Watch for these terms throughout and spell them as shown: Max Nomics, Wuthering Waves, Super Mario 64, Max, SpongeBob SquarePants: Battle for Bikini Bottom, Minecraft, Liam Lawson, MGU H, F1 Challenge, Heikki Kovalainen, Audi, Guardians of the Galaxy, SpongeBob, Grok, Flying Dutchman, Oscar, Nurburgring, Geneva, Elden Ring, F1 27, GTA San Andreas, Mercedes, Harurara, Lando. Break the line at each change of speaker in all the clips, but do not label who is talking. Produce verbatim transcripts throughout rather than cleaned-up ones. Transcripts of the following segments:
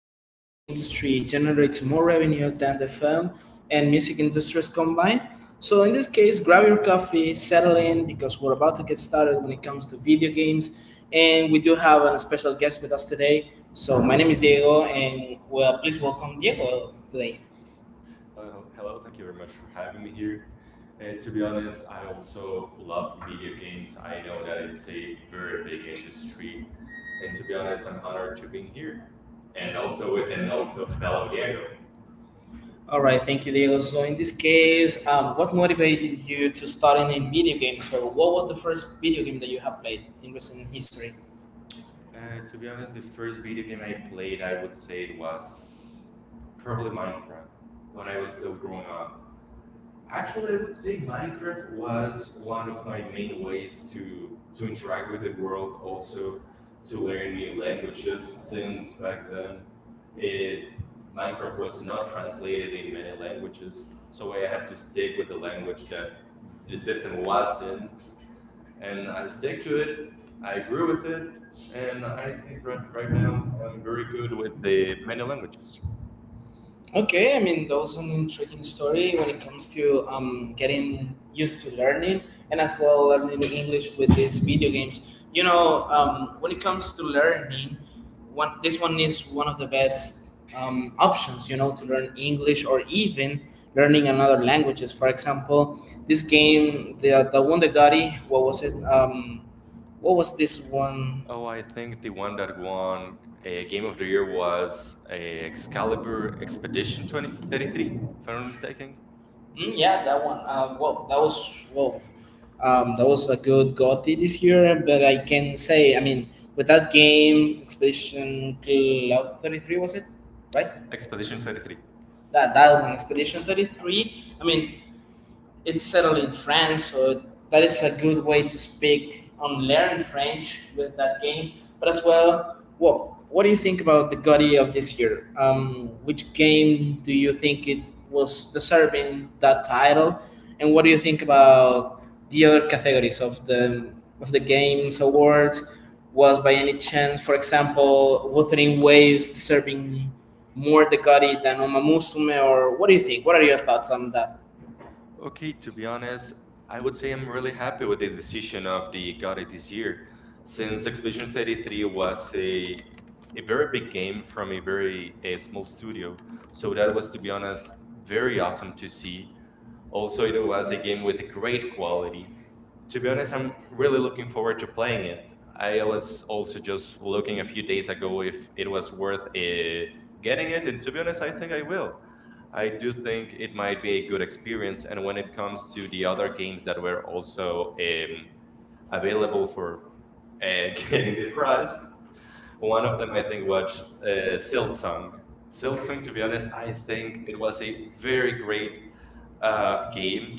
the video game industry generates more revenue than the film and music industries combined? So, in this case, grab your coffee, settle in, because we're about to get started when it comes to video games. And we do have a special guest with us today. So, my name is Diego, and well, please welcome Diego today.
Uh, hel- hello, thank you very much for having me here. Uh, to be honest, I also love video games. I know that it's a very big industry, and to be honest, I'm honored to being here and also with and also fellow Diego.
All right, thank you, Diego. So, in this case, um, what motivated you to starting in video games, or what was the first video game that you have played in recent history?
Uh, to be honest, the first video game I played, I would say it was probably Minecraft when I was still growing up. Actually, I would say Minecraft was one of my main ways to to interact with the world, also to learn new languages. Since back then, it, Minecraft was not translated in many languages, so I had to stick with the language that the system was in, and I stick to it. I grew with it, and I right right now I'm very good with the many languages.
Okay, I mean that was an intriguing story when it comes to um, getting used to learning and as well learning English with these video games. You know, um, when it comes to learning, one this one is one of the best um, options. You know, to learn English or even learning another languages. For example, this game, the the one that got it, what was it? Um, what was this one?
Oh, I think the one that won a Game of the Year was a Excalibur Expedition twenty thirty-three, if I'm not mistaken.
Mm, yeah, that one. Uh, well, that was well, um, that was a good G O T Y this year. But I can say, I mean, with that game, Expedition Cloud Thirty Three was it, right?
Expedition thirty-three.
That that one, Expedition Thirty Three. I mean, it's settled in France, so that is a good way to speak and learn French with that game. But as well, well, what do you think about the G O T Y of this year? Um, which game do you think it was deserving that title, and what do you think about the other categories of the of the games awards? Was by any chance, for example, Wuthering Waves deserving more the G O T Y than Uma Musume, or what do you think? What are your thoughts on that?
Okay, to be honest, I would say I'm really happy with the decision of the GOTY this year, since Expedition thirty-three was a a very big game from a very a small studio. So that was, to be honest, very awesome to see. Also, it was a game with a great quality. To be honest, I'm really looking forward to playing it. I was also just looking a few days ago if it was worth uh, getting it, and to be honest, I think I will. I do think it might be a good experience. And when it comes to the other games that were also um, available for a game price, one of them I think was uh, Silksong. Silksong, to be honest, I think it was a very great uh, game,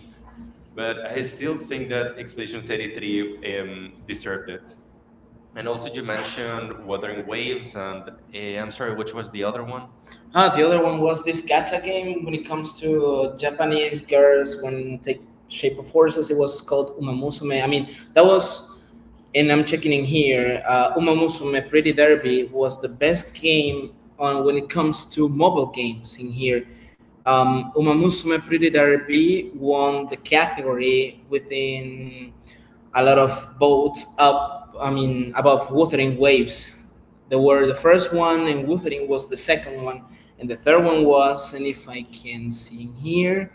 but I still think that Expedition thirty-three um, deserved it. And also, you mentioned Wuthering Waves, and uh, I'm sorry, which was the other one?
Ah, the other one was this gacha game. When it comes to uh, Japanese girls, when take shape of horses, it was called Umamusume. I mean, that was, and I'm checking in here. Uh, Umamusume Pretty Derby was the best game on when it comes to mobile games in here. Um, Umamusume Pretty Derby won the category within a lot of boats up. I mean above Wuthering Waves, they were the first one and Wuthering was the second one, and the third one was, and if I can see in here,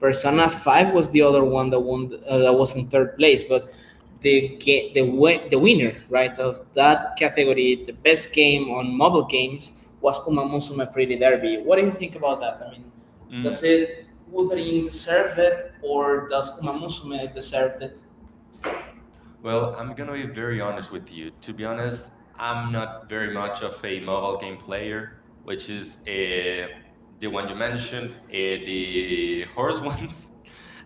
Persona five was the other one that won. uh, that was in third place, but the ga- the
Mhm.
wi- the winner, right, of that category, the best game on mobile games was Uma Musume Pretty Derby. What do you think about that? I mean, does it
Mm-hmm.
Wuthering deserve it or does Uma Musume deserve it?
Well, I'm gonna be very honest with you. To be honest, I'm not very much of a mobile game player, which is uh, the one you mentioned, uh, the horse ones,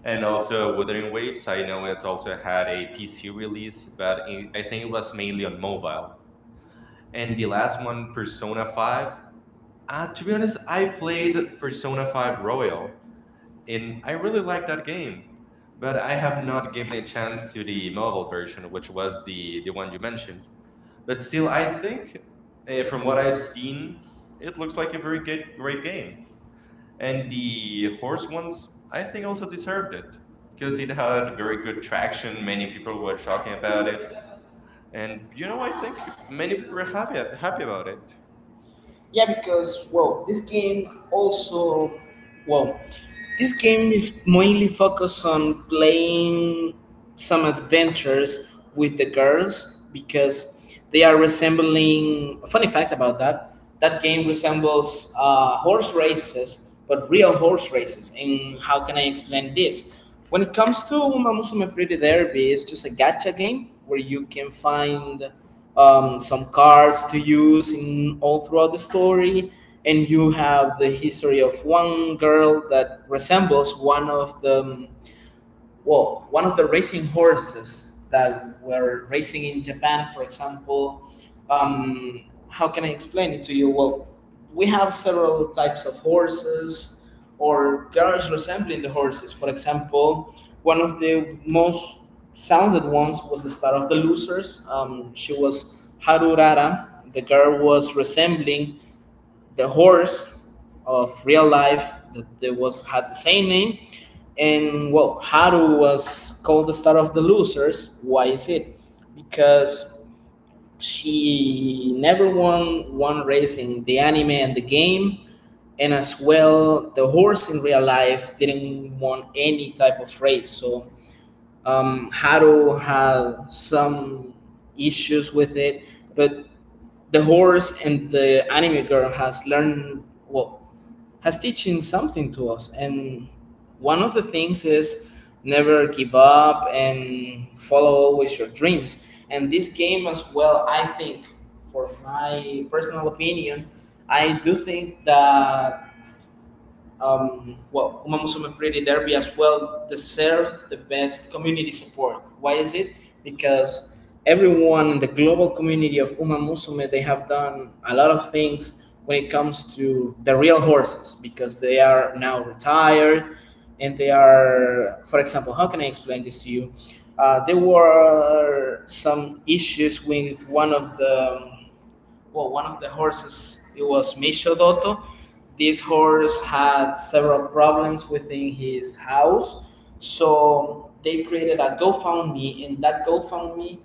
and also Wuthering Waves. I know it also had a P C release, but i I think it was mainly on mobile. And the last one, Persona five. Uh, to be honest, I played Persona five Royal, and I really like that game. But I have not given a chance to the mobile version, which was the the one you mentioned. But still, I think uh, from what I've seen, it looks like a very good great game. And the horse ones, I think, also deserved it because it had very good traction. Many people were talking about it, and you know, I think many people are happy happy about it.
Yeah, because well, this game also, well, this game is mainly focused on playing some adventures with the girls because they are resembling. A funny fact about that: that game resembles uh, horse races, but real horse races. And how can I explain this? When it comes to Uma Musume Pretty Derby, it's just a gacha game where you can find um, some cards to use in all throughout the story, and you have the history of one girl that resembles one of the well, one of the racing horses that were racing in Japan, for example. Um, how can I explain it to you? Well, we have several types of horses or cars resembling the horses. For example, one of the most sounded ones was the star of the losers. Um, she was Harurara. The girl was resembling the horse of real life that there was had the same name, and well, Haru was called the star of the losers. Why is it? Because she never won one race in the anime and the game, and as well the horse in real life didn't won any type of race. So um, Haru had some issues with it, but the horse and the anime girl has learned, well, has teaching something to us, and one of the things is never give up and follow always your dreams. And this game as well, I think, for my personal opinion, I do think that um, well, Uma Musume Pretty Derby as well deserve the best community support. Why is it? Because everyone in the global community of Uma Musume, they have done a lot of things when it comes to the real horses because they are now retired and they are, for example, how can I explain this to you? Uh, there were some issues with one of the um, well, one of the horses, it was Mishodotto. This horse had several problems within his house. So they created a GoFundMe, and that GoFundMe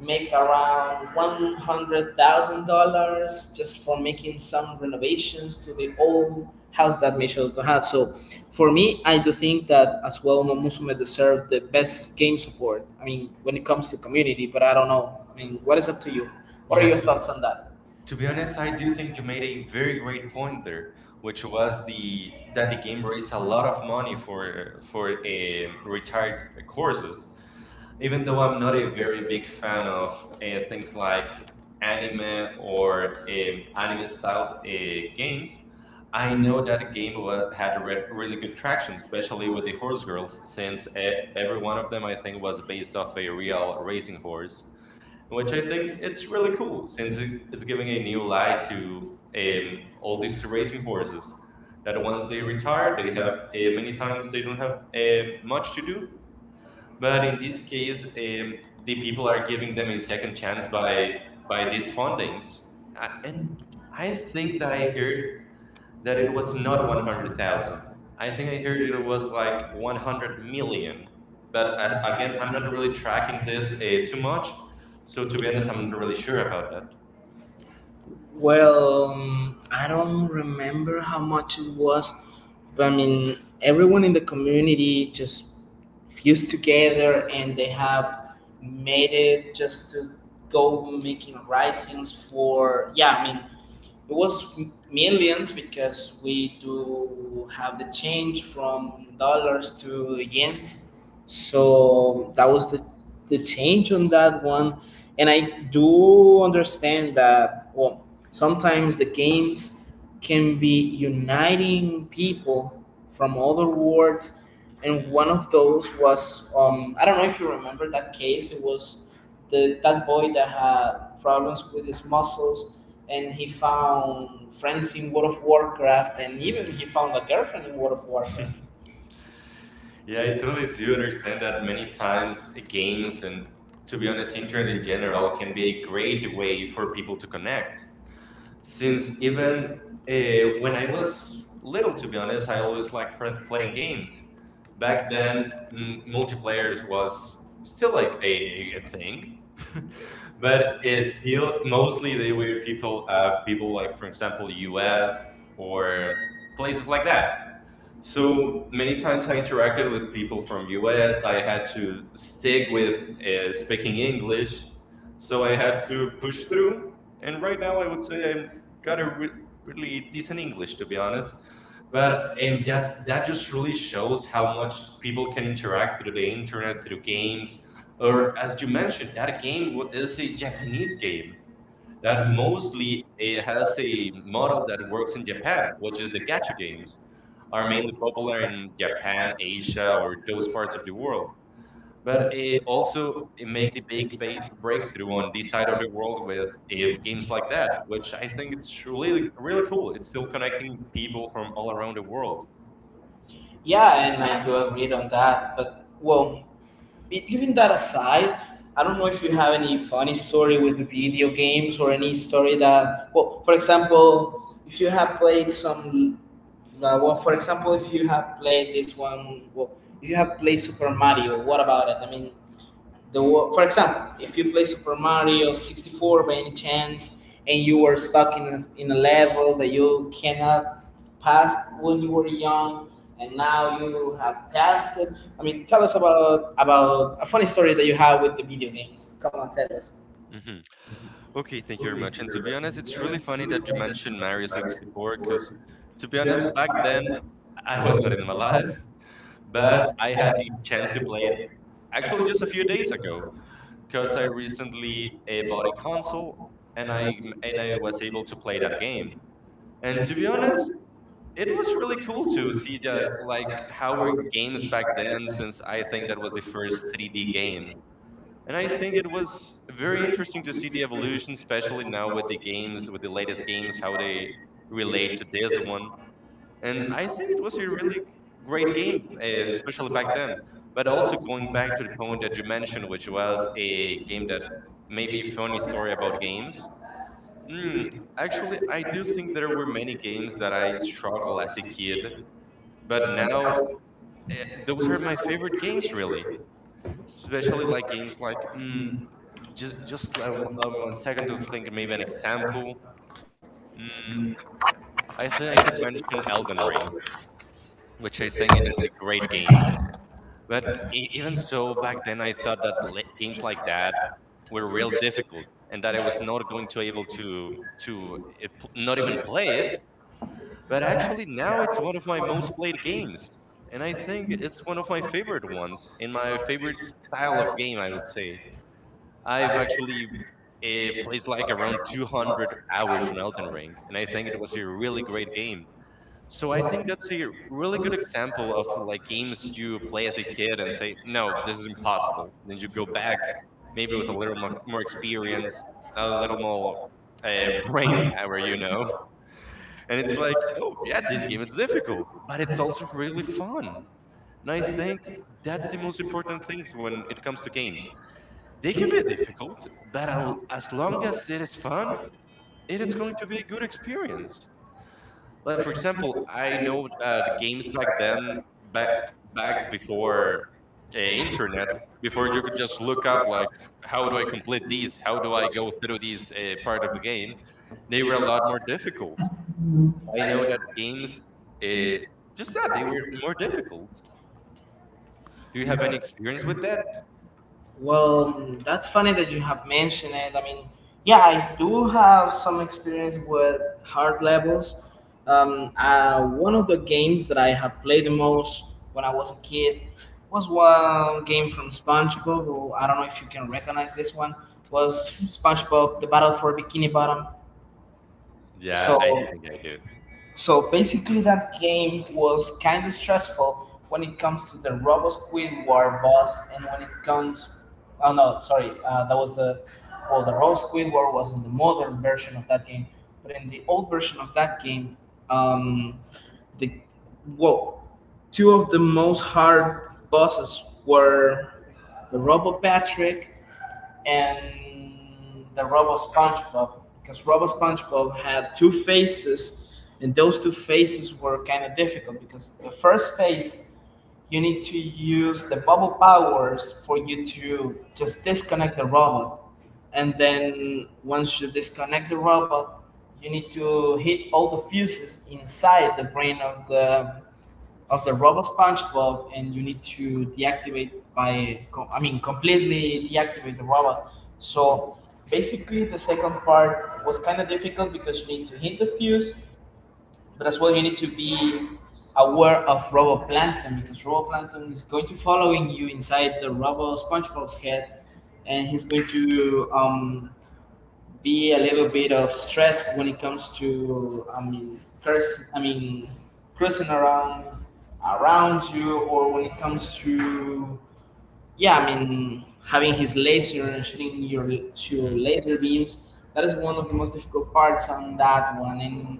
make around one hundred thousand dollars just for making some renovations to the old house that Mishodotto had. So for me, I do think that as well, Momosume deserved the best game support. I mean, when it comes to community, but I don't know. I mean, what is up to you? What are
Yeah,
your
to
thoughts on that?
To be honest, I do think you made a very great point there, which was the that the game raised a lot of money for for um, retired courses. Even though I'm not a very big fan of uh, things like anime or um, anime styled uh, games, I know that game wa- had a re really good traction, especially with the horse girls, since uh, every one of them I think was based off a real racing horse, which I think it's really cool since it, it's giving a new light to um, all these racing horses. That once they retire, they have uh, many times they don't have um, much to do. But in this case, um, the people are giving them a second chance by by these fundings, uh, and I think that I heard that it was not one hundred thousand. I think I heard it was like one hundred million. But I, again, I'm not really tracking this uh, too much. So to be honest, I'm not really sure about that.
Well, um, I don't remember how much it was, but I mean, everyone in the community just fused together and they have made it just to go making risings for, yeah, I mean, it was m- millions because we do have the change from dollars to yens. So that was the, the change on that one. And I do understand that, well, sometimes the games can be uniting people from other worlds. And one of those was, um, I don't know if you remember that case, it was the, that boy that had problems with his muscles and he found friends in World of Warcraft, and even he found a girlfriend in World of Warcraft.
Yeah, I totally do understand that many times uh, games, and to be honest, internet in general can be a great way for people to connect. Since even uh, when I was little, to be honest, I always liked fr- playing games. Back then, mm, multiplayers was still like a, a a thing, but it's still mostly they were people of people like, for example, U S or places like that. So many times I interacted with people from U S. I had to stick with uh, speaking English, so I had to push through. And right now, I would say I'm got a re- really decent English, to be honest. But um, that, that just really shows how much people can interact through the internet, through games. Or, as you mentioned, that game wa- is a Japanese game that mostly it has a model that works in Japan, which is the gacha games, are mainly popular in Japan, Asia, or those parts of the world. But it also it make the big ba- breakthrough on this side of the world with uh, games like that, which I think it's really really cool. It's still connecting people from all around the world.
Yeah, and I do agree on that. But well, be- leaving that aside, I don't know if you have any funny story with video games or any story that, well, for example, if you have played some, uh, well, for example, if you have played this one, well, if you have played Super Mario, what about it? I mean, The wo- for example, if you play Super Mario sixty-four by any chance, and you were stuck in a, in a level that you cannot pass when you were young, and now you have passed it. I mean, tell us about about a funny story that you have with the video games. Come on, tell us.
Mm-hmm. Okay, thank you very much. And to be honest, it's really funny that you mentioned Mario sixty-four because, to be honest, back then I was not even alive, but I had the chance to play it actually just a few days ago because I recently uh, bought a console and I and I was able to play that game. And to be honest, it was really cool to see the like how were games back then since I think that was the first three D game. And I think it was very interesting to see the evolution, especially now with the games, with the latest games, how they relate to this one. And I think it was a really great game, uh, especially back then. But also going back to the point that you mentioned, which was a game that maybe funny story about games. Mm, Actually, I do think there were many games that I struggle as a kid, but now eh, those are my favorite games, really. Especially like games like mm, just just allow m- allow me one second to think of maybe an example. Mm, I think I could mention Elden Ring, which I think it is a great game. But e- even so, back then I thought that li- games like that were real difficult, and that I was not going to able to to uh, p- not even play it. But actually, now it's one of my most played games, and I think it's one of my favorite ones in my favorite style of game. I would say. I've actually uh, placed like around two hundred hours on Elden Ring, and I think it was a really great game. So I think that's a really good example of like games you play as a kid and say, no, this is impossible. Then you go back, maybe with a little more, more experience, a little more uh, brain power, you know? And it's like, oh, yeah, this game is difficult, but it's also really fun. And I think that's the most important things when it comes to games. They can be difficult, but I'll- as long as it is fun, it is going to be a good experience. Like for example, I know uh, the games back then, back back before uh, internet, before you could just look up like how do I complete these, how do I go through these uh, part of the game. They were a lot more difficult. I know that games, uh, just that they were more difficult. Do you have any experience with that?
Well, mm, that's funny that you have mentioned it. I mean, yeah, I do have some experience with hard levels. Um, uh, one of the games that I have played the most when I was a kid was one game from SpongeBob. Or I don't know if you can recognize this one. Was SpongeBob the Battle for Bikini Bottom?
Yeah,
So
I think I do.
so basically, that game was kind of stressful when it comes to the Robo Squidward boss, and when it comes, oh no, sorry, uh, that was the, well, the Robo Squidward was in the modern version of that game, but in the old version of that game, um, the well, two of the most hard bosses were the Robo Patrick and the Robo SpongeBob because Robo SpongeBob had two faces, and those two faces were kind of difficult because the first face you need to use the bubble powers for you to just disconnect the robot, and then once you disconnect the robot, you need to hit all the fuses inside the brain of the of the robot SpongeBob, and you need to deactivate by com- I mean completely deactivate the robot. So basically, the second part was kind of difficult because you need to hit the fuse, but as well you need to be aware of Roboplankton because Roboplankton is going to following you inside the robot SpongeBob's head, and he's going to um, be a little bit of stress when it comes to I mean curse, I mean cursing around around you, or when it comes to yeah, I mean, having his laser and shooting your to your
Mhm.
laser beams. That is one of the most difficult parts on that one. And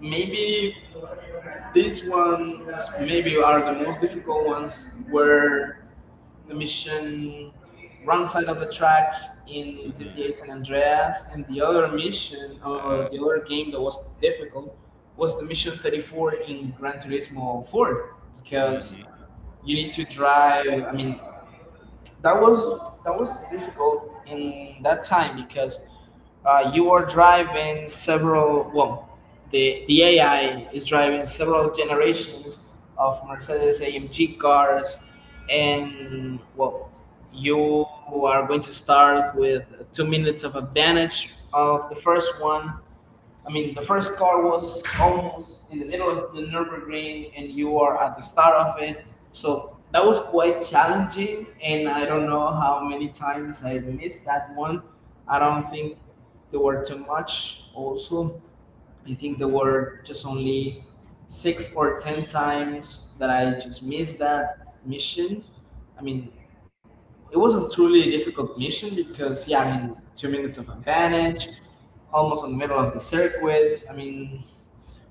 maybe these ones maybe are the most difficult ones, where the mission wrong side of the tracks in
hmm
G T A San Andreas, and the other mission or
Uh,
the other game that was difficult was the mission thirty-four in Gran Turismo four because
mhm,
you need to drive. I mean, that was that was difficult in that time because uh, you are driving several, well, the the A I is driving several generations of Mercedes A M G cars, and well, you are going to start with two minutes of advantage of the first one. I mean, the first car was almost in the middle of the Nurburgring, and you are at the start of it. So that was quite challenging, and I don't know how many times I missed that one. I don't think there were too much. Also, I think there
mhm,
were just only six or ten times that I just missed that mission. I mean, it wasn't truly a difficult mission because, yeah, I mean, two minutes of advantage, almost in the middle of the circuit. I mean,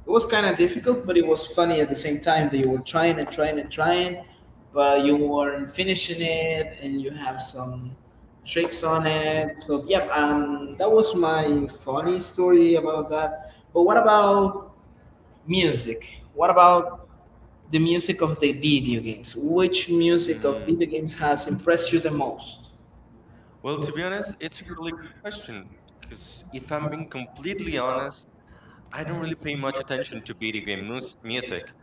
it was kind of
mhm,
difficult, but it was funny at the same time that you were trying and trying and trying, but you weren't finishing it, and you have some tricks on
mhm.
it. So, yep, um, that was my funny story about that. But what about music? What about the music of the video games? Which music of
Mm.
video games has impressed you the most?
Well, to be honest, it's a really good question because if I'm being completely honest, I don't really pay much attention to video game mus music.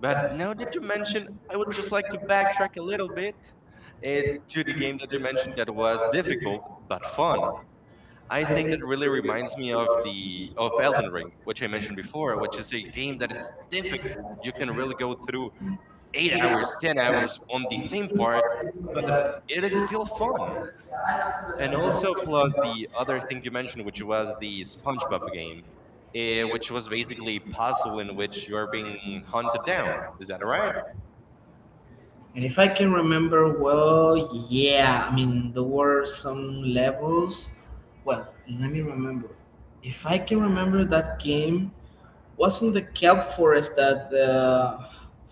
But now that you mention, I would just like to backtrack a little bit uh, to the game that you mentioned that was difficult but fun. I think that really reminds me of the of Elden Ring, which I mentioned before, which is a game that it's difficult. You can really go through eight hours, ten hours on the same part, but it is still fun. And also, plus the other thing you mentioned, which was the SpongeBob game, eh, which was basically a puzzle in which you are being hunted down. Is that right?
And if I can remember well, yeah, I mean, there were some levels. Well, let me remember. If I can remember that game, wasn't the kelp forest that the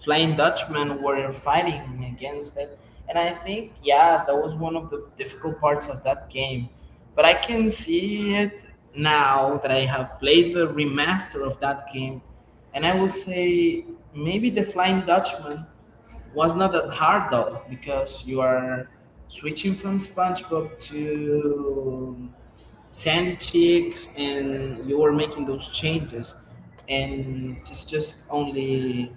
Flying Dutchman were fighting against it? And I think, yeah, that was one of the difficult parts of that game. But I can see it now that I have played the remaster of that game. And I will say maybe the Flying Dutchman was not that hard though, because you are switching from SpongeBob to Sandy Chicks and you were making those changes, and it's just only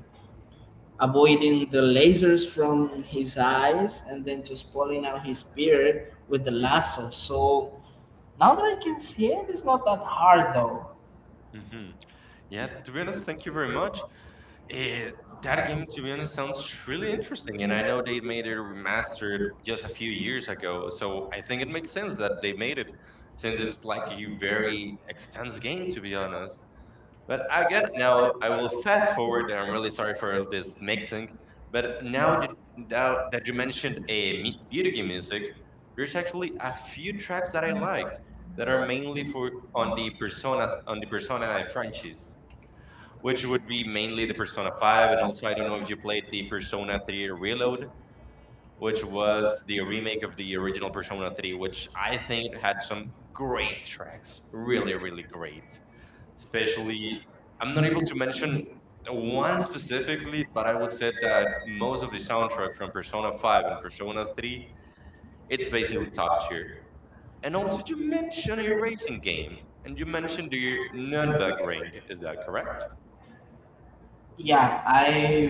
avoiding the lasers from his eyes and then just pulling out his beard with the lasso. So now that I can see it, it's not that hard though.
Mm-hmm. Yeah. To be honest, thank you very much. It, that game, to be honest, sounds really interesting, and I know they made it remastered just a few years ago, so I think it makes sense that they made it, since it's like a very extensive game, to be honest. But again, now I will fast forward, and I'm really sorry for all this mixing. But now that now that you mentioned a mu- video game music, there's actually a few tracks that I like that are mainly for on the personas on the Persona franchise, which would be mainly the Persona five. And also, I don't know if you played the Persona three Reload, which was the remake of the original Persona three, which I think had some great tracks. Really, really great. Especially, I'm not able to mention one specifically, but I would say that most of the soundtrack from Persona five and Persona three, it's basically top tier. And also, you mentioned a racing game, and you mentioned the Nürnberg Ring. Is that correct?
Yeah,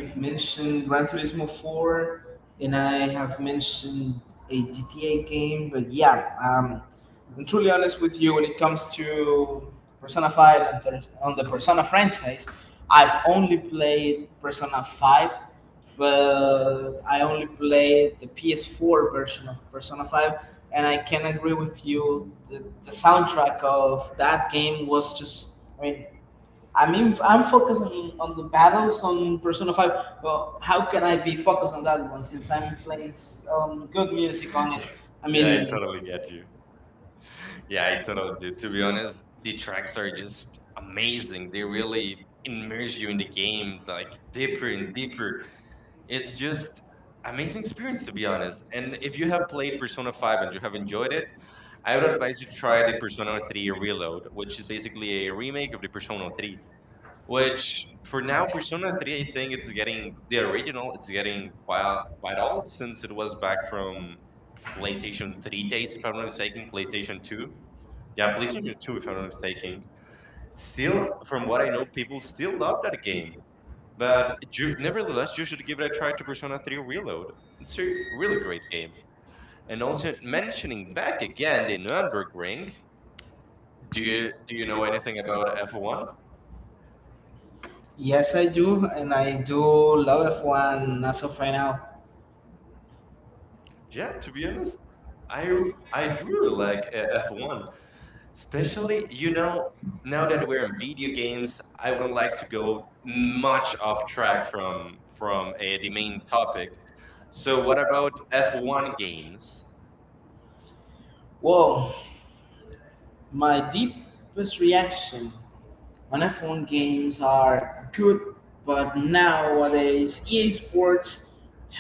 Mm.
mentioned Gran Turismo four and I have mentioned a G T A game, but yeah, um, I'm truly honest with you. When it comes to Persona five and Thurs- on the Persona franchise, I've only played Persona five, but I only played the P S four version of Persona five, and I can agree with you, the, the soundtrack of that game was just, I mean, I mean, I'm focusing on the battles on Persona five. Well, how can I be focused on that one since I'm playing um, good music on it? I
Yeah, I
mean,
totally get you. Yeah, I totally do. To be honest, the tracks are just amazing. They really immerse you in the game, like deeper and deeper. It's just amazing experience, to be honest. And if you have played Persona five and you have enjoyed it, I would advise you try the Persona three Reload, which is basically a remake of the Persona three, which for now Persona three, I think it's getting the original. It's getting quite quite old, since it was back from PlayStation three days, if I'm not mistaken. PlayStation two. Yeah, PlayStation two, if I'm not mistaken. Still, from what I know, people still love that game. But you, nevertheless, you should give it a try to Persona three Reload. It's a really great game. And also, mentioning back again the Nuremberg Ring, do you do you know anything about F one?
yes, I do, and I do love F one as of right now.
Yeah, to be honest, I r- I do really like uh, F one, especially you know now that we're in video games. I wouldn't like to go much off track from from uh, the main topic. So what about F one games?
Whoa, my deepest reaction on a phone games are good, but nowadays E A Sports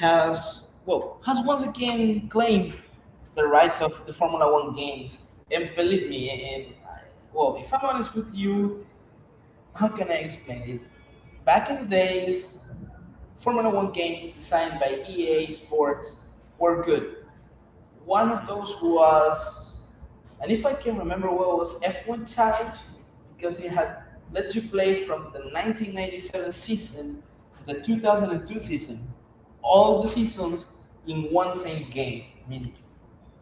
has well has once again claimed the rights of the Formula One games. And believe me, and I, well, if I'm honest with you, how can I explain it? Back in the days, Formula One games designed by E A Sports were good. One of
Mhm.
those was, and if I can remember well, was F one Challenge, because it had let you play from the nineteen ninety-seven season to the two thousand two season, all the seasons in one same game. I mean,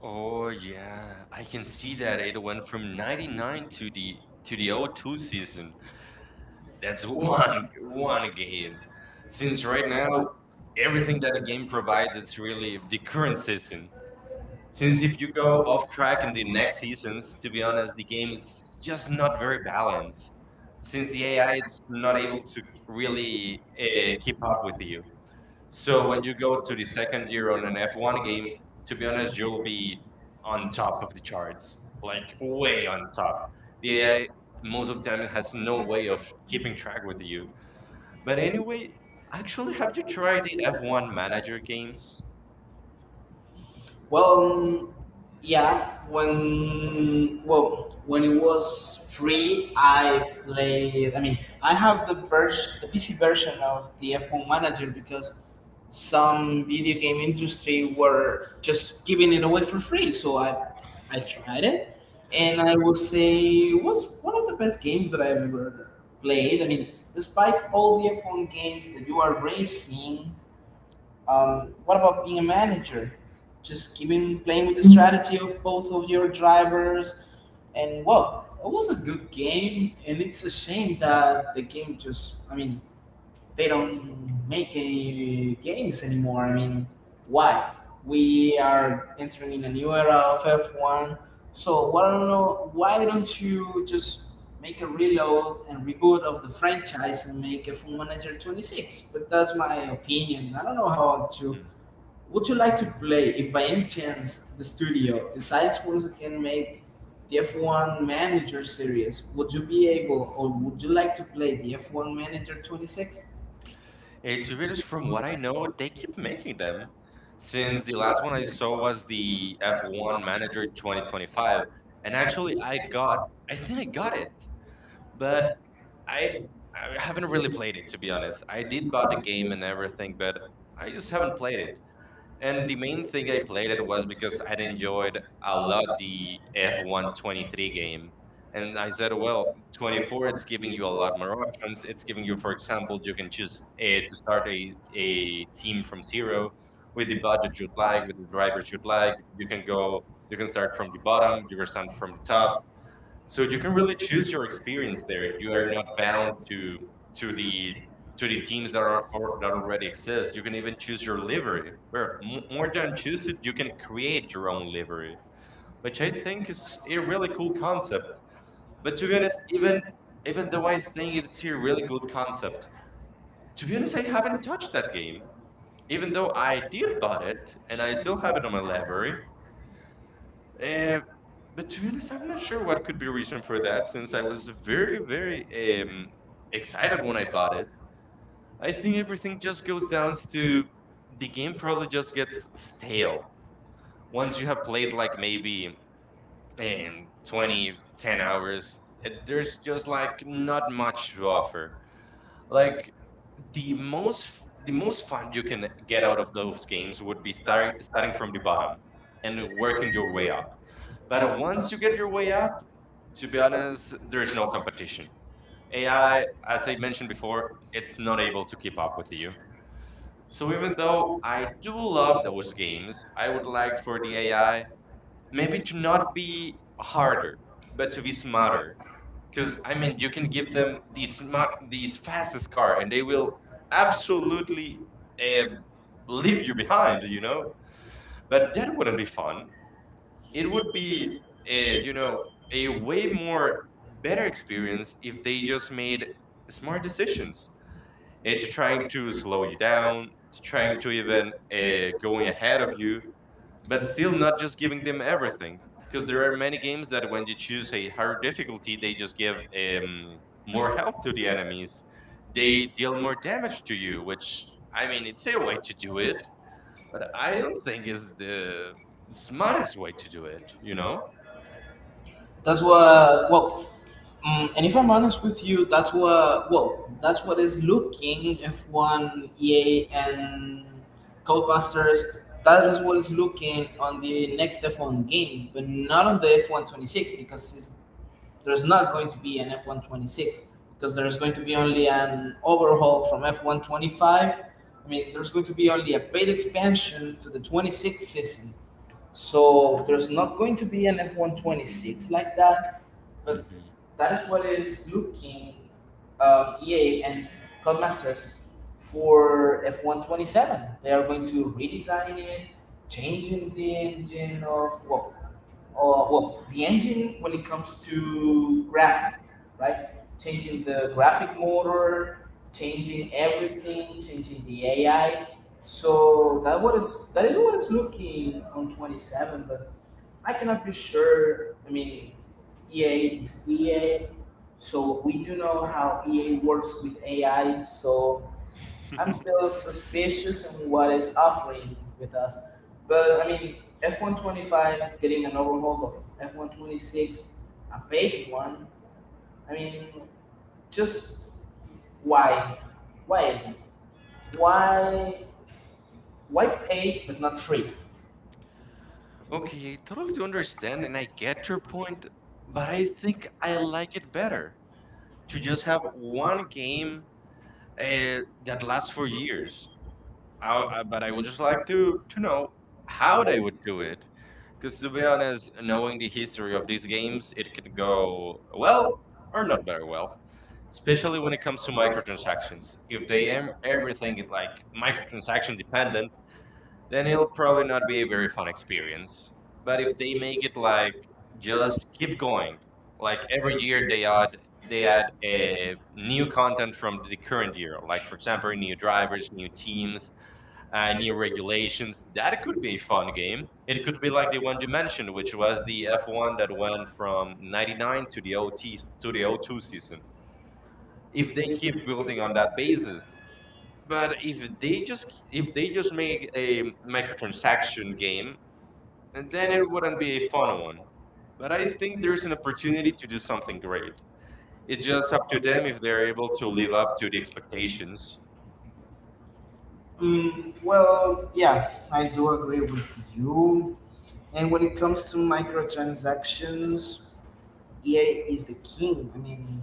Oh yeah, I can see that it went from ninety-nine to the to the 'oh two season. That's one one game. Since right now everything that the game provides is really the current season. Since if you go off track in the next seasons, to be honest, the game it's just not very balanced, since the A I it's not able to really uh, keep up with you. So when you go to the second year on an F one game, to be honest, you'll be on top of the charts, like way on top. The A I most of the time it has no way of keeping track with you. But anyway, actually, have you tried the F one manager games?
Well, um, yeah. When well, when it was free, I played. I mean, I have the vers the P C version of the F one Manager because some video game industry were just giving it away for free. So I, I tried it, and I will say it was one of the best games that I've ever played. I mean, despite all the F one games that you are racing, um, what about being a manager? Just keeping playing with the strategy of both of your drivers, and well, it was a good game, and it's a shame that the game just, I mean, they don't make any games anymore. I mean, why? We are entering in a new era of F one, so why don't why don't you just make a reload and reboot of the franchise and make a full manager twenty-six? But that's my opinion. I don't know how to. Would you like to play, if by any chance the studio decides once again make the F one Manager series? Would you be able or would you like to play the F one Manager twenty-six?
And to be honest, from what I know, they keep making them. Since the last one I saw was the F one Manager twenty twenty-five, and actually I got, I think I got it, but I, I haven't really played it, to be honest. I did buy the game and everything, but I just haven't played it. And the main thing I played it was because I'd enjoyed a lot the F one twenty-three game. And I said, well, twenty-four, it's giving you a lot more options. It's giving you, for example, you can choose a, to start a, a team from zero, with the budget you'd like, with the drivers you'd like. You can go, you can start from the bottom, you can start from the top, so you can really choose your experience. There you are not bound to to the to the teams that are or, that already exist. You can even choose your livery, where m- more than choose it, you can create your own livery, which I think is a really cool concept. But to be honest, even even though I think it's a really good concept, to be honest I haven't touched that game, even though I did bought it and I still have it on my library. uh, but to be honest, I'm not sure what could be a reason for that, since I was very, very um, excited when I bought it. I think everything just goes down to the game probably just gets stale once you have played like maybe um, twenty, ten hours. uh, There's just like not much to offer. Like the most the most fun you can get out of those games would be starting starting from the bottom and working your way up. But once you get your way up, to be honest, there's no competition. A I, as I mentioned before, it's not able to keep up with you. So even though I do love those games, I would like for the A I maybe to not be harder but to be smarter, because I mean you can give them the smart the fastest car and they will absolutely um, leave you behind, you know but that wouldn't be fun. It would be a, you know a way more better experience if they just made smart decisions, eh, to trying to slow you down, to trying to even uh, going ahead of you, but still not just giving them everything. Because there are many games that when you choose a higher difficulty, they just give um, more health to the enemies, they deal more damage to you, which I mean it's a way to do it, but I don't think is the smartest way to do it you know
That's what, well, um, and if I'm honest with you, that's what, well, that's what is looking F one, E A, and Codemasters. That is what is looking on the next F one game, but not on the F one twenty-six, because it's there's not going to be an F one twenty-six because there's going to be only an overhaul from F one twenty-five. I mean, there's going to be only a paid expansion to the twenty-six season. So there's not going to be an F one twenty-six like that, but
hmm
that is what is looking um, E A and Codemasters for F one twenty-seven. They are going to redesign it, changing the engine of well, uh, well, the engine when it comes to graphic, right? Changing
hmm
the graphic motor, changing everything, changing the A I. So that what is that is what is looking on twenty-seven, but I cannot be sure. I mean, E A is E A, so we do know how EA works with A I. So I'm still suspicious on what it's offering with us. But I mean, F one twenty-five getting an overhaul of F one twenty-six, a big one. I mean, just why? Why is it? Why? Why pay but not free?
okay, I totally understand and I get your point, but I think I like it better to just have one game uh, that lasts for years. I, I, but I would just like to to know how they would do it, because to be honest, knowing the history of these games, it can go well or not very well, especially when it comes to microtransactions. If they am everything it like microtransaction dependent, then it'll probably not be a very fun experience. But if they make it like just keep going, like every year they add they add a new content from the current year, like for example new drivers, new teams, uh, new regulations. That could be a fun game. It could be like the one you mentioned, which was the F one that went from 'ninety-nine to the O T to the O two season. If they keep building on that basis. But if they just if they just make a microtransaction game, and then it wouldn't be a fun one. But I think there's an opportunity to do something great. It's just up to them if they're able to live up to the expectations.
Mm, well, yeah, I do agree with you. And when it comes to microtransactions, E A is the king. I mean,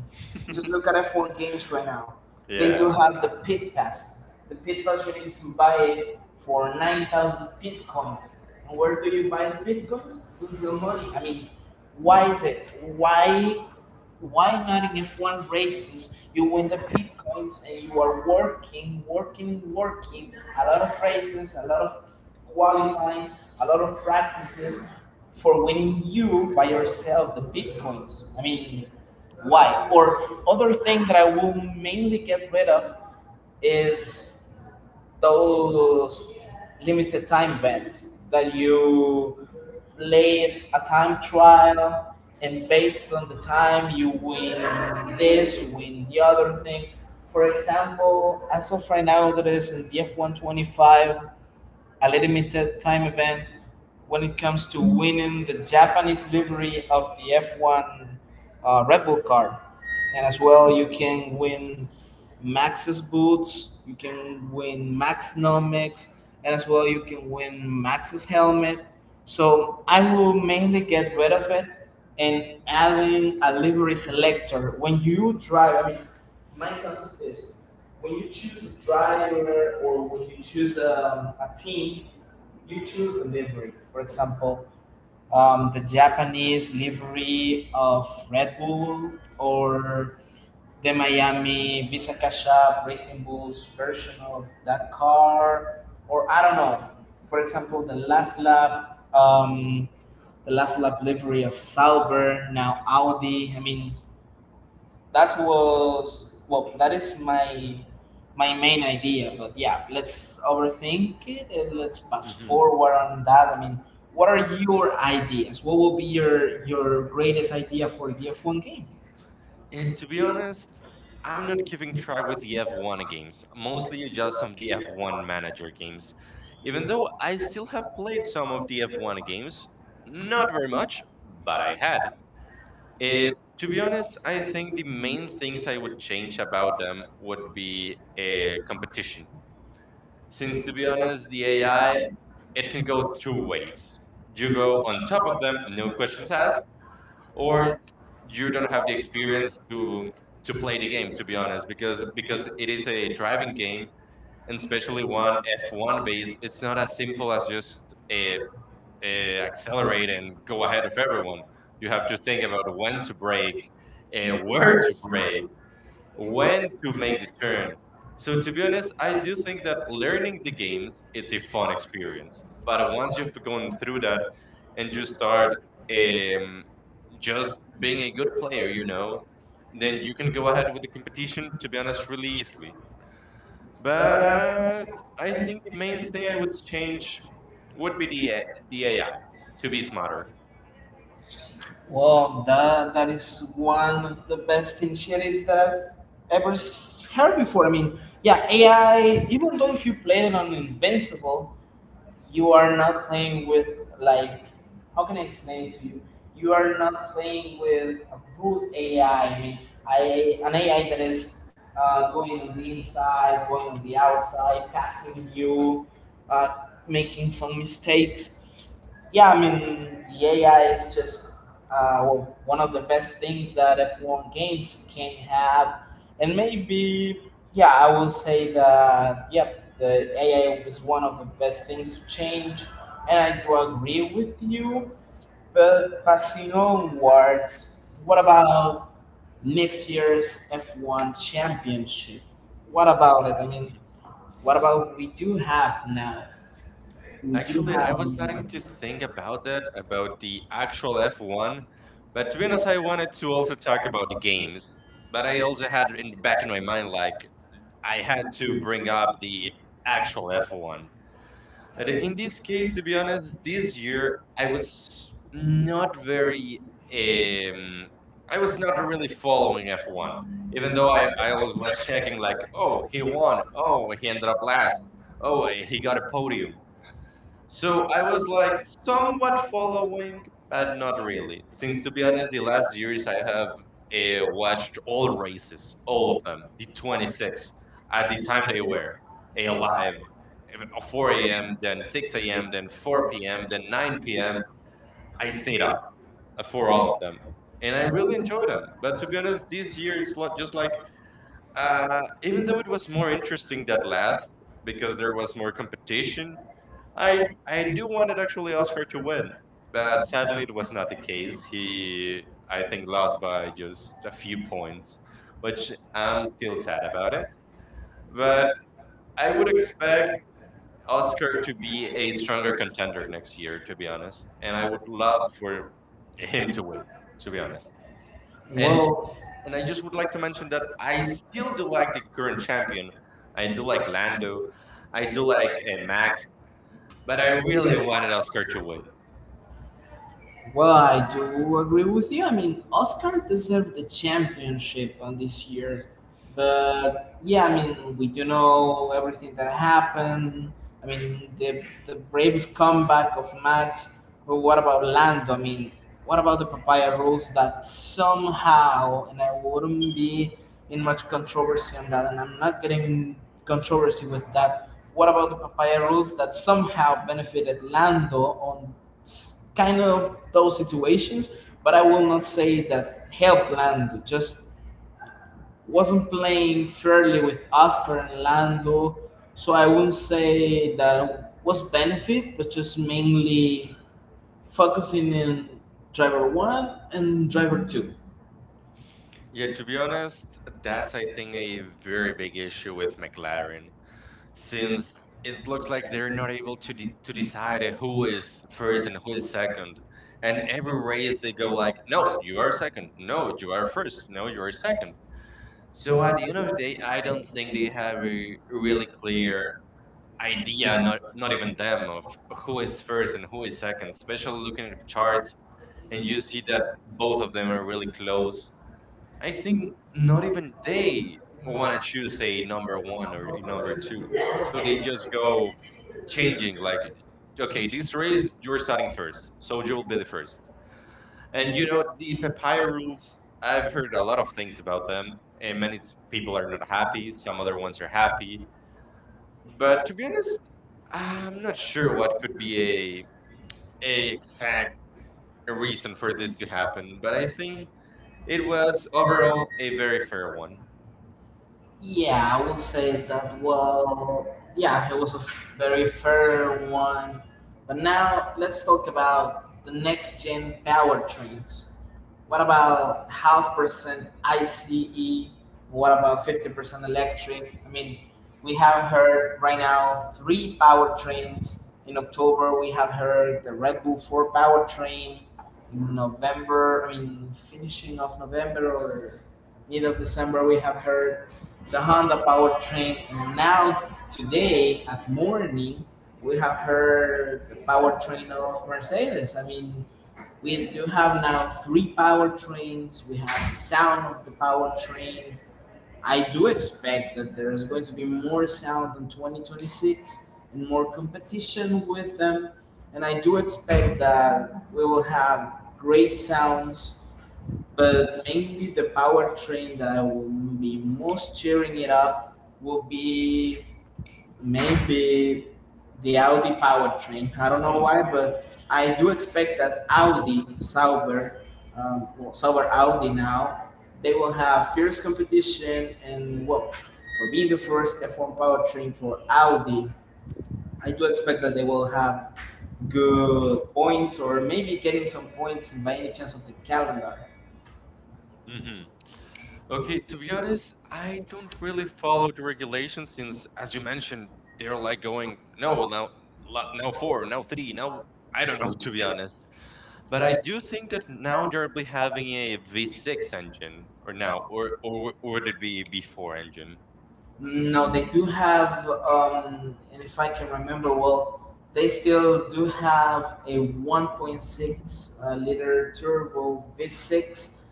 just look at F one games right now. They do.
Yeah.
Yeah. Have the pit pass. The pit pass you need to buy it for nine thousand pit coins. And where do you buy the pit coins? With your money. I mean, why is it? Why? Why not in F one races? You win the pit points and you are working, working, working. A lot of races, a lot of qualifies, a lot of practices for winning you by yourself the pit points. I mean, why? Or other thing that I will mainly get rid of is those limited time events that you play a time trial and based on the time you win this, you win the other thing. For example, as of right now, that is in the F one twenty-five, a limited time event when it comes to winning the Japanese livery of the F one uh, Red Bull car. And as well, you can win Max's boots, you can win Max Nomics, and as well, you can win Max's helmet. So I will mainly get rid of it and adding a livery selector. When you drive, I mean, my concept is when you choose a driver or when you choose um, a team, you choose the livery. For example, um, the Japanese livery of Red Bull or the Miami Visa Cash App Racing Bulls version of that car, or I don't know. For example, the last lap, um, the last lap livery of Sauber, now Audi. I mean, that was well. That is my my main idea. But yeah, let's overthink it and let's pass
Hmm.
forward on that. I mean, what are your ideas? What will be your your greatest idea for the F one game?
And to be honest, I'm not keeping track with the F one games, mostly just some of the F one manager games. Even though I still have played some of the F one games, not very much, but I had. Eh, to be honest, I think the main things I would change about them would be eh, competition. Since, to be honest, the A I, it can go two ways. You go on top of them, no questions asked, or you don't have the experience to to play the game, to be honest, because because it is a driving game, and especially one F one base, it's not as simple as just uh, uh, accelerate and go ahead of everyone. You have to think about when to brake, uh, where to brake, when to make the turn. So to be honest, I do think that learning the games it's a fun experience. But once you've gone through that, and you start um, just being a good player, you know, then you can go ahead with the competition, to be honest, really easily. But I think the main thing I would change would be the A- the A I to be smarter.
Well, that that is one of the best initiatives that I've ever s- heard before. I mean, yeah, A I. Even though if you played it on Invincible, you are not playing with, like, how can I explain to you? You are not playing with a brute A I. I I mean, I an A I that is uh, going on the inside, going on the outside, passing you, uh, making some mistakes. Yeah, I mean, the A I is just uh, one of the best things that F one games can have. And maybe, yeah, I will say that, yep, the A I was one of the best things to change. And I do agree with you. But passing onwards, what about next year's F one championship? What about it? I mean, what about we do have now? We do
Actually, I was starting to
have.
think about that, about the actual F one, but to be honest, I wanted to also talk about the games. But I also had in the back in my mind, like, I had to bring up the actual F one. And in this case, to be honest, this year I was not very, um, I was not really following F one, even though I, I was checking, like, oh, he won, oh, he ended up last, oh, he got a podium, so I was like somewhat following, but not really. Since, to be honest, the last years I have uh, watched all races, all of them, the twenty-six at the time they were eh, alive, eh, uh, four a m, then six a m, then four p m, then nine p m. I stayed up uh, for all of them, and I really enjoyed them. But to be honest, this year it's lo- just like uh, even though it was more interesting that last because there was more competition, I I do wanted actually Oscar to win, but sadly it was not the case. He, I think, lost by just a few points, which I'm still sad about it. But I would expect Oscar to be a stronger contender next year, to be honest. And I would love for him to win, to be honest. And
Well,
and I just would like to mention that I still do like the current champion. I do like Lando. I do like uh, Max, but I really wanted Oscar to win.
Well, I do agree with you. I mean, Oscar deserved the championship on this year, but yeah, I mean, we do know everything that happened. I mean, the the bravest comeback of Max. But what about Lando? I mean, what about the papaya rules that somehow, and I wouldn't be in much controversy on that, and I'm not getting in controversy with that. What about the papaya rules that somehow benefited Lando on it's kind of those situations, but I will not say that helped Lando. Just wasn't playing fairly with Oscar and Lando, so I wouldn't say that was benefit, but just mainly focusing in driver one and driver two.
Yeah, to be honest, that's I think a very big issue with McLaren, since it looks like they're not able to de to decide who is first and who is second. And every race they go like, no, you are second. No, you are first. No, you are second. So at the end of the day, I don't think they have a really clear idea, not not even them, of who is first and who is second, especially looking at the charts, and you see that both of them are really close. I think not even they want to choose a number one or a number two. So they just go changing like, okay, this race, you're starting first. So you will be the first. And you know, the papaya rules, I've heard a lot of things about them. And many s- people are not happy. Some other ones are happy. But to be honest, I'm not sure what could be a, a exact reason for this to happen. But I think it was overall a very fair one.
Yeah, I would say that. Well, yeah, it was a very fair one. But now let's talk about the next gen powertrains. What about half percent I C E? What about fifty percent electric? I mean, we have heard right now three powertrains. In October, we have heard the Red Bull four powertrain. In November, I mean, finishing of November or mid of December, we have heard the Honda powertrain. And now, today at morning, we have heard the powertrain of Mercedes. I mean, we do have now three powertrains. We have the sound of the powertrain. I do expect that there is going to be more sound in twenty twenty-six and more competition with them. And I do expect that we will have great sounds, but mainly the powertrain that I will be most cheering it up will be maybe the Audi powertrain. I don't know why, but I do expect that Audi, Sauber, um, well, Sauber Audi now, they will have fierce competition and well, for being the first F one powertrain for Audi, I do expect that they will have good points or maybe getting some points by any chance of the calendar.
hmm Okay, to be honest, I don't really follow the regulations since, as you mentioned, they're like going, no, now, la- now four, now three, now I don't know, to be honest. But I do think that now they're be having a V six engine, or now, or or w- would it be a V four engine?
No, they do have, um, and if I can remember well, they still do have a one point six uh, liter turbo V six.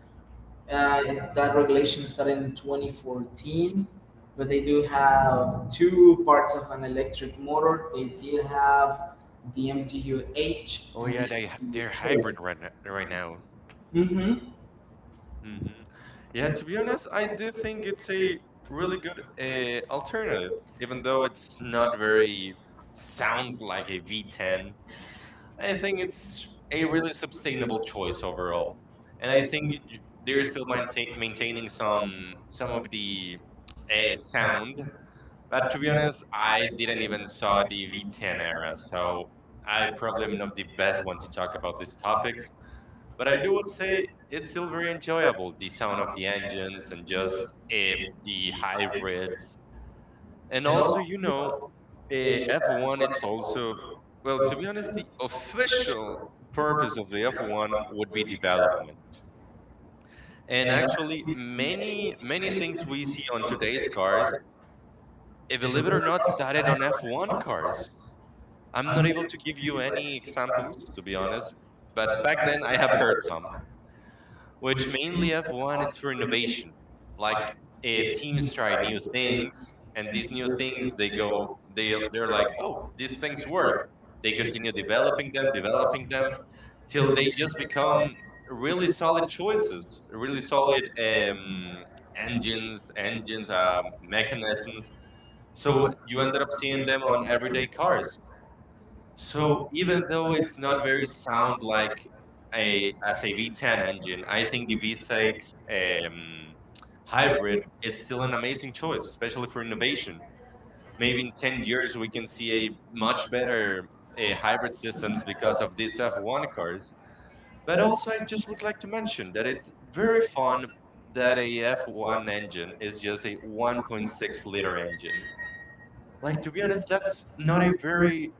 Uh, that regulation started in twenty fourteen, but they do have two parts of an electric motor. They did have the M G U H.
Oh yeah, they h- they're hybrid right now, right now.
Mm-hmm.
hmm Yeah, to be honest, I do think it's a really good uh, alternative, even though it's not very sound like a V ten. I think it's a really sustainable choice overall, and I think y- they're still maintain, maintaining some some of the uh, sound. But to be honest, I didn't even saw the V ten era, so I probably am not the best one to talk about these topics. But I do would say it's still very enjoyable, the sound of the engines and just uh, the hybrids, and also you know Eh, F one, it's also, well, to be honest, the official purpose of the F one would be development. And actually, many, many things we see on today's cars, eh, believe it or not, started on F one cars. I'm not able to give you any examples, to be honest, but back then I have heard some, which mainly I've wanted for innovation. Like eh, teams try new things, and these new things they go they they're like, oh, these things work. They continue developing them, developing them till they just become really solid choices, really solid um, engines, engines, um, mechanisms. So you ended up seeing them on everyday cars. So even though it's not very sound like a as a V ten engine, I think the V six um, hybrid it's still an amazing choice, especially for innovation. Maybe in ten years we can see a much better uh, hybrid systems because of these F one cars. But also I just would like to mention that it's very fun that a F one engine is just a one point six liter engine. Like to be honest, that's not a very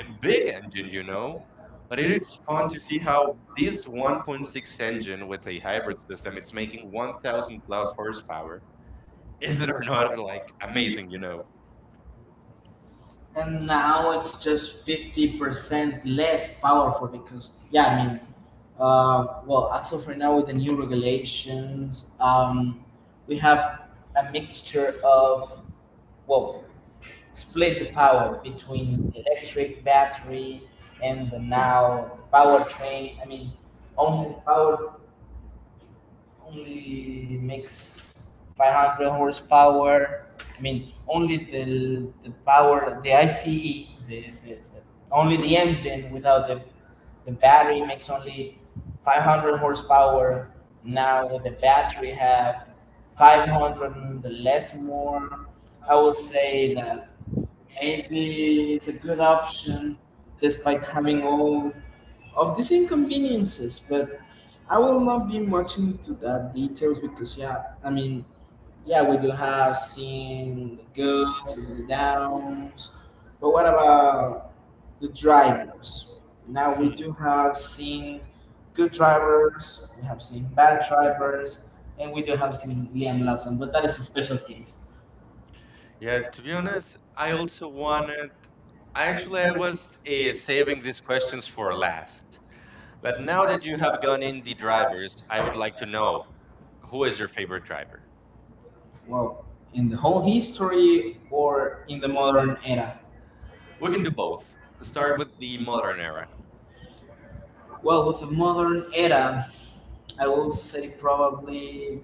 a big engine, you know. But it is fun to see how this one point six engine with a hybrid system, it's making one thousand plus horsepower. Is it or not like amazing, you know?
And now it's just fifty percent less powerful because yeah, I mean uh, well, as of right now with the new regulations, um, we have a mixture of, well, split the power between the electric battery and the now powertrain. I mean, only the power only makes five hundred horsepower. I mean, only the, the power, the I C E, the, the, the, only the engine without the, the battery makes only five hundred horsepower. Now with the battery have five hundred the less more. I would say that maybe it's a good option despite having all of these inconveniences, but I will not be much into that details because yeah, I mean, yeah, we do have seen the goods and the downs. But what about the drivers? Now we
Hmm.
do have seen good drivers, we have seen bad drivers, and we do have seen Liam Lawson, but that is a special case.
Yeah, to be honest, I also wanted. I actually I was uh, saving these questions for last. But now that you have gone in the drivers, I would like to know who is your favorite driver.
Well, in the whole history or in the modern era?
We can do both. Start with the modern era.
Well, with the modern era, I will say probably.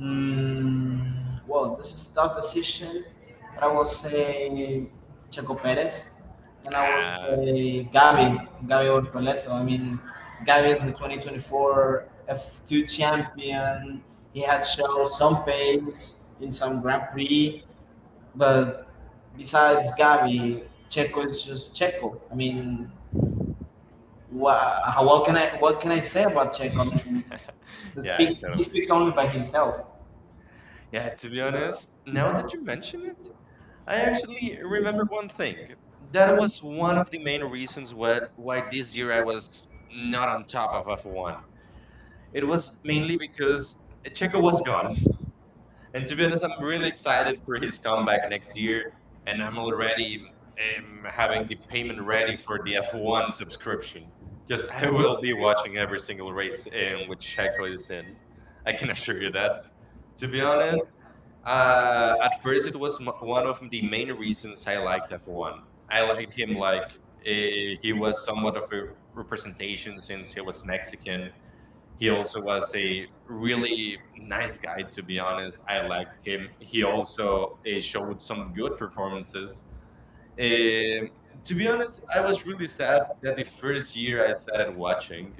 Mm, well, this is a tough decision, but I will say Checo Perez, and I will
Ah,
say Gabi, Gabi Bortoleto. I mean, Gabi is the twenty twenty-four F two champion. He had shown some pace in some Grand Prix. But besides Gavi, Checo is just Checo. I mean, wha- how what can I, what can I say about Checo? I mean, the
yeah, it
speak, he
certainly is.
speaks only by himself.
Yeah, to be honest, now that you mention it, I actually remember one thing. That was one of the main reasons why, why this year I was not on top of F one. It was mainly because Checo was gone. And to be honest, I'm really excited for his comeback next year. And I'm already um, having the payment ready for the F one subscription because I will be watching every single race in which Checo is in. I can assure you that. To be honest, uh, at first, it was m- one of the main reasons I liked F one. I liked him like eh, he was somewhat of a representation since he was Mexican. He also was a really nice guy, to be honest. I liked him. He also eh, showed some good performances. Um to be honest, I was really sad that the first year I started watching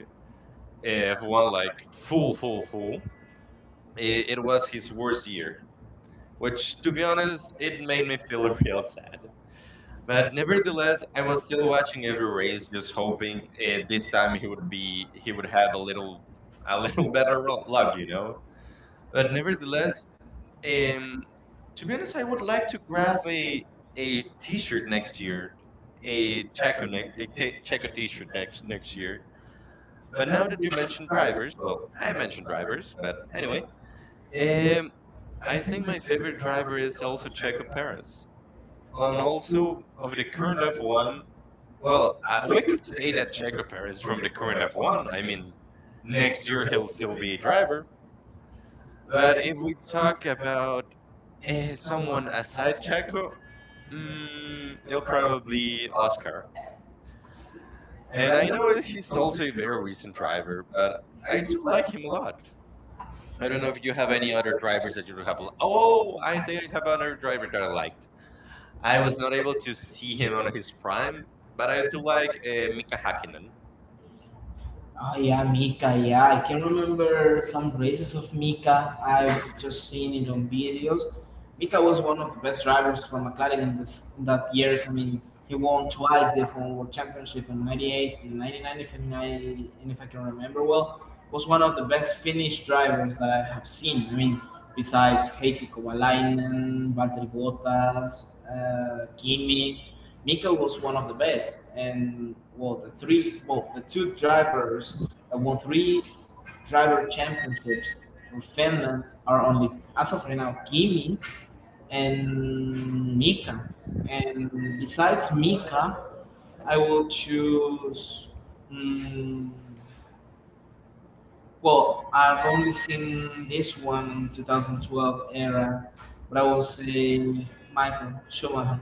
eh, F one like full, full, full, eh, it was his worst year, which to be honest, it made me feel real sad. But nevertheless, I was still watching every race, just hoping uh, this time he would be he would have a little a little better ro- luck, you know. But nevertheless, um, to be honest, I would like to grab a a T-shirt next year, a Checo ne- a t- Checo T-shirt next next year. But now that you mentioned drivers, well, I mentioned drivers, but anyway, um, I think my favorite driver is also Checo Perez, and also of the current F one. Well, I, we could say that Checo Perez from the current F one. I mean, next year he'll still be a driver. But if we talk about eh, someone aside Checo, mm, it'll probably Oscar. And I know that he's also a very recent driver, but I do like him a lot. I don't know if you have any other drivers that you have. li- Oh, I think I have another driver that I like. I was not able to see him on his prime, but I do like uh, Mika Hakkinen.
Oh yeah, Mika. Yeah, I can remember some races of Mika. I've just seen it on videos. Mika was one of the best drivers for McLaren in this in that years. I mean, he won twice the F one World Championship in 'ninety-eight and 'ninety-nine, if, and I and if I can remember well. Was one of the best Finnish drivers that I have seen. I mean, besides Heikki Kovalainen, Valtteri Bottas, uh, Kimi. Mika was one of the best, and well, the three, well, the two drivers uh, won three driver championships for Finland are only as of right now Kimi and Mika. And besides Mika, I will choose. Mm, well, I've only seen this one in two thousand twelve era, but I will say Michael Schumacher.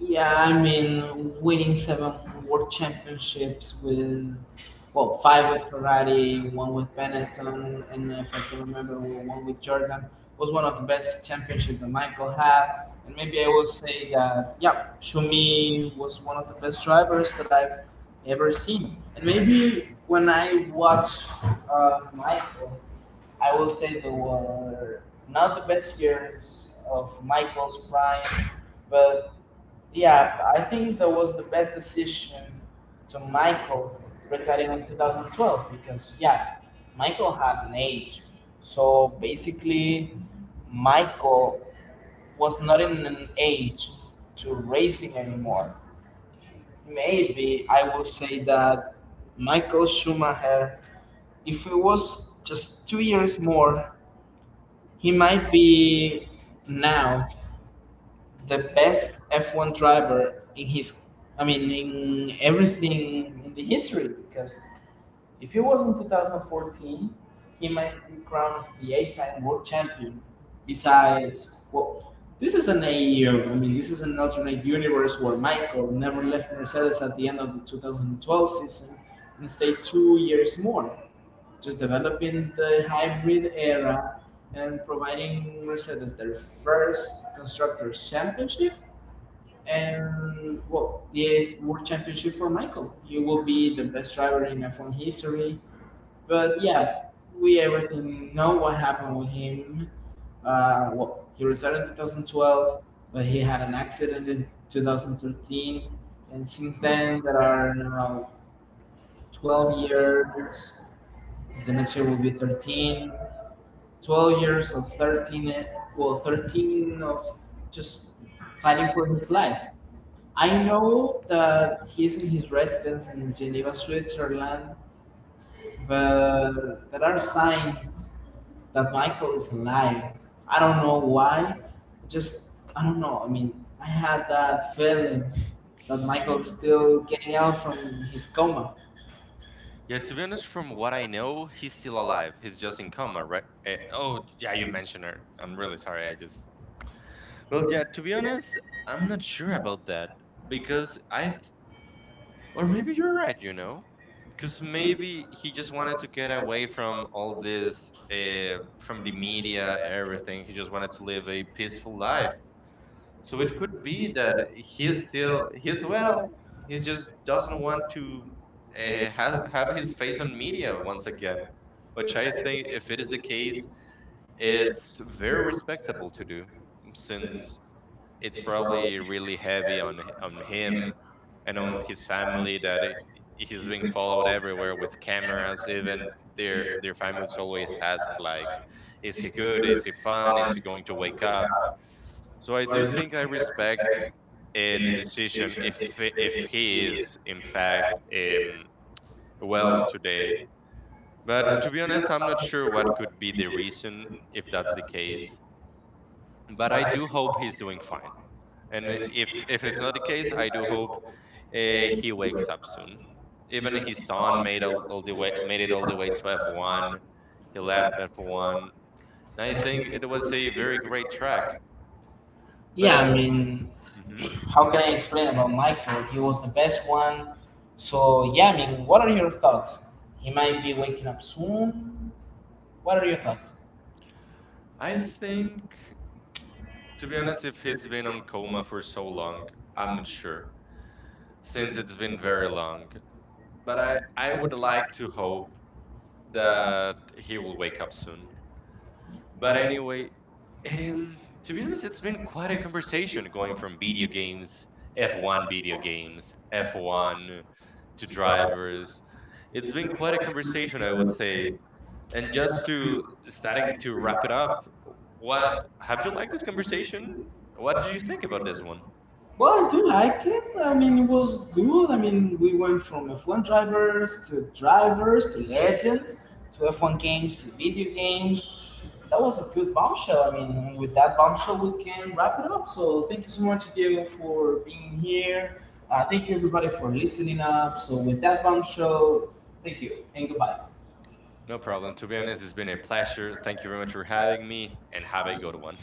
Yeah, I mean, winning seven world championships with, well, five with Ferrari, one with Benetton, and if I can remember, one with Jordan, was one of the best championships that Michael had. And maybe I will say that, yeah, Schumi was one of the best drivers that I've ever seen. And maybe when I watch uh, Michael, I will say there were not the best years of Michael's prime, but yeah, I think that was the best decision to Michael retiring in twenty twelve because, yeah, Michael had an age. So basically, Michael was not in an age to racing anymore. Maybe I will say that Michael Schumacher, if it was just two years more, he might be now the best F one driver in his, I mean, in everything in the history. Because if he was in two thousand fourteen, he might be crowned as the eight-time world champion. Besides, well, this is an A U. I mean, this is an alternate universe where Michael never left Mercedes at the end of the two thousand twelve season and stayed two years more, just developing the hybrid era and providing Mercedes their first constructors championship, and well, the eighth world championship for Michael. He will be the best driver in F one history. But yeah, we everything know what happened with him. Uh, well, he retired in twenty twelve, but he had an accident in twenty thirteen, and since then there are now twelve years. The next year will be thirteen. twelve years of thirteen, eh, well, thirteen of just fighting for his life. I know that he's in his residence in Geneva, Switzerland,
Mhm.
but there are signs that Michael is alive. I don't know why. Just, I don't know. I mean, I had that feeling that Michael is still getting out from his coma.
Yeah, to be honest, from what I know, he's still alive. He's just in coma, right? Eh, oh, yeah, you mentioned her. I'm really sorry. I just. Well, yeah, to be honest, I'm not sure about that because I. Th- or maybe you're right, you know? Because maybe he just wanted to get away from all this, uh, from the media, everything. He just wanted to live a peaceful life. So it could be that he's still he's well. He just doesn't want to uh, ha- have his face on media once again, which I think, if it is the case, it's very respectable to do, since it's probably really heavy on h- on him and on his family, that it, he's being followed everywhere with cameras, even their their families always ask, like, is he good, is he fine, is he going to wake up. So I do think I respect uh, the decision if i- if he is in fact um, well today. But to be honest, I'm not sure what could be the reason if that's the case, but I do hope he's doing fine, and if if it's not the case, I do hope uh, he wakes up soon. Even his son made all, all the way made it all the way to F one. He left F one. And I think it was a very great track. But
Yeah,
at,
I mean,
Mhm.
how can I explain about Michael? He was the best one. So, yeah, I mean, what are your thoughts? He might be waking up soon. What are your thoughts?
I think, to be honest, if it's been on coma for so long, I'm not sure since it's been very long. But I I would like to hope that he will wake up soon. But anyway, um, to be honest, it's been quite a conversation, going from video games, F one video games, F one to drivers. It's been quite a conversation, I would say. And just to starting to wrap it up, what have you liked this conversation? What did you think about this one?
Well, I do like it. I mean, it was good. I mean, we went from F one drivers to drivers to legends to F one games to video games. That was a good bombshell. I mean, with that bombshell, we can wrap it up. So, thank you so much, Diego, for being here. Uh, thank you, everybody, for listening up. So, with that bombshell, thank you and goodbye.
No problem. To be honest, it's been a pleasure. Thank you very much for having me, and have a good one.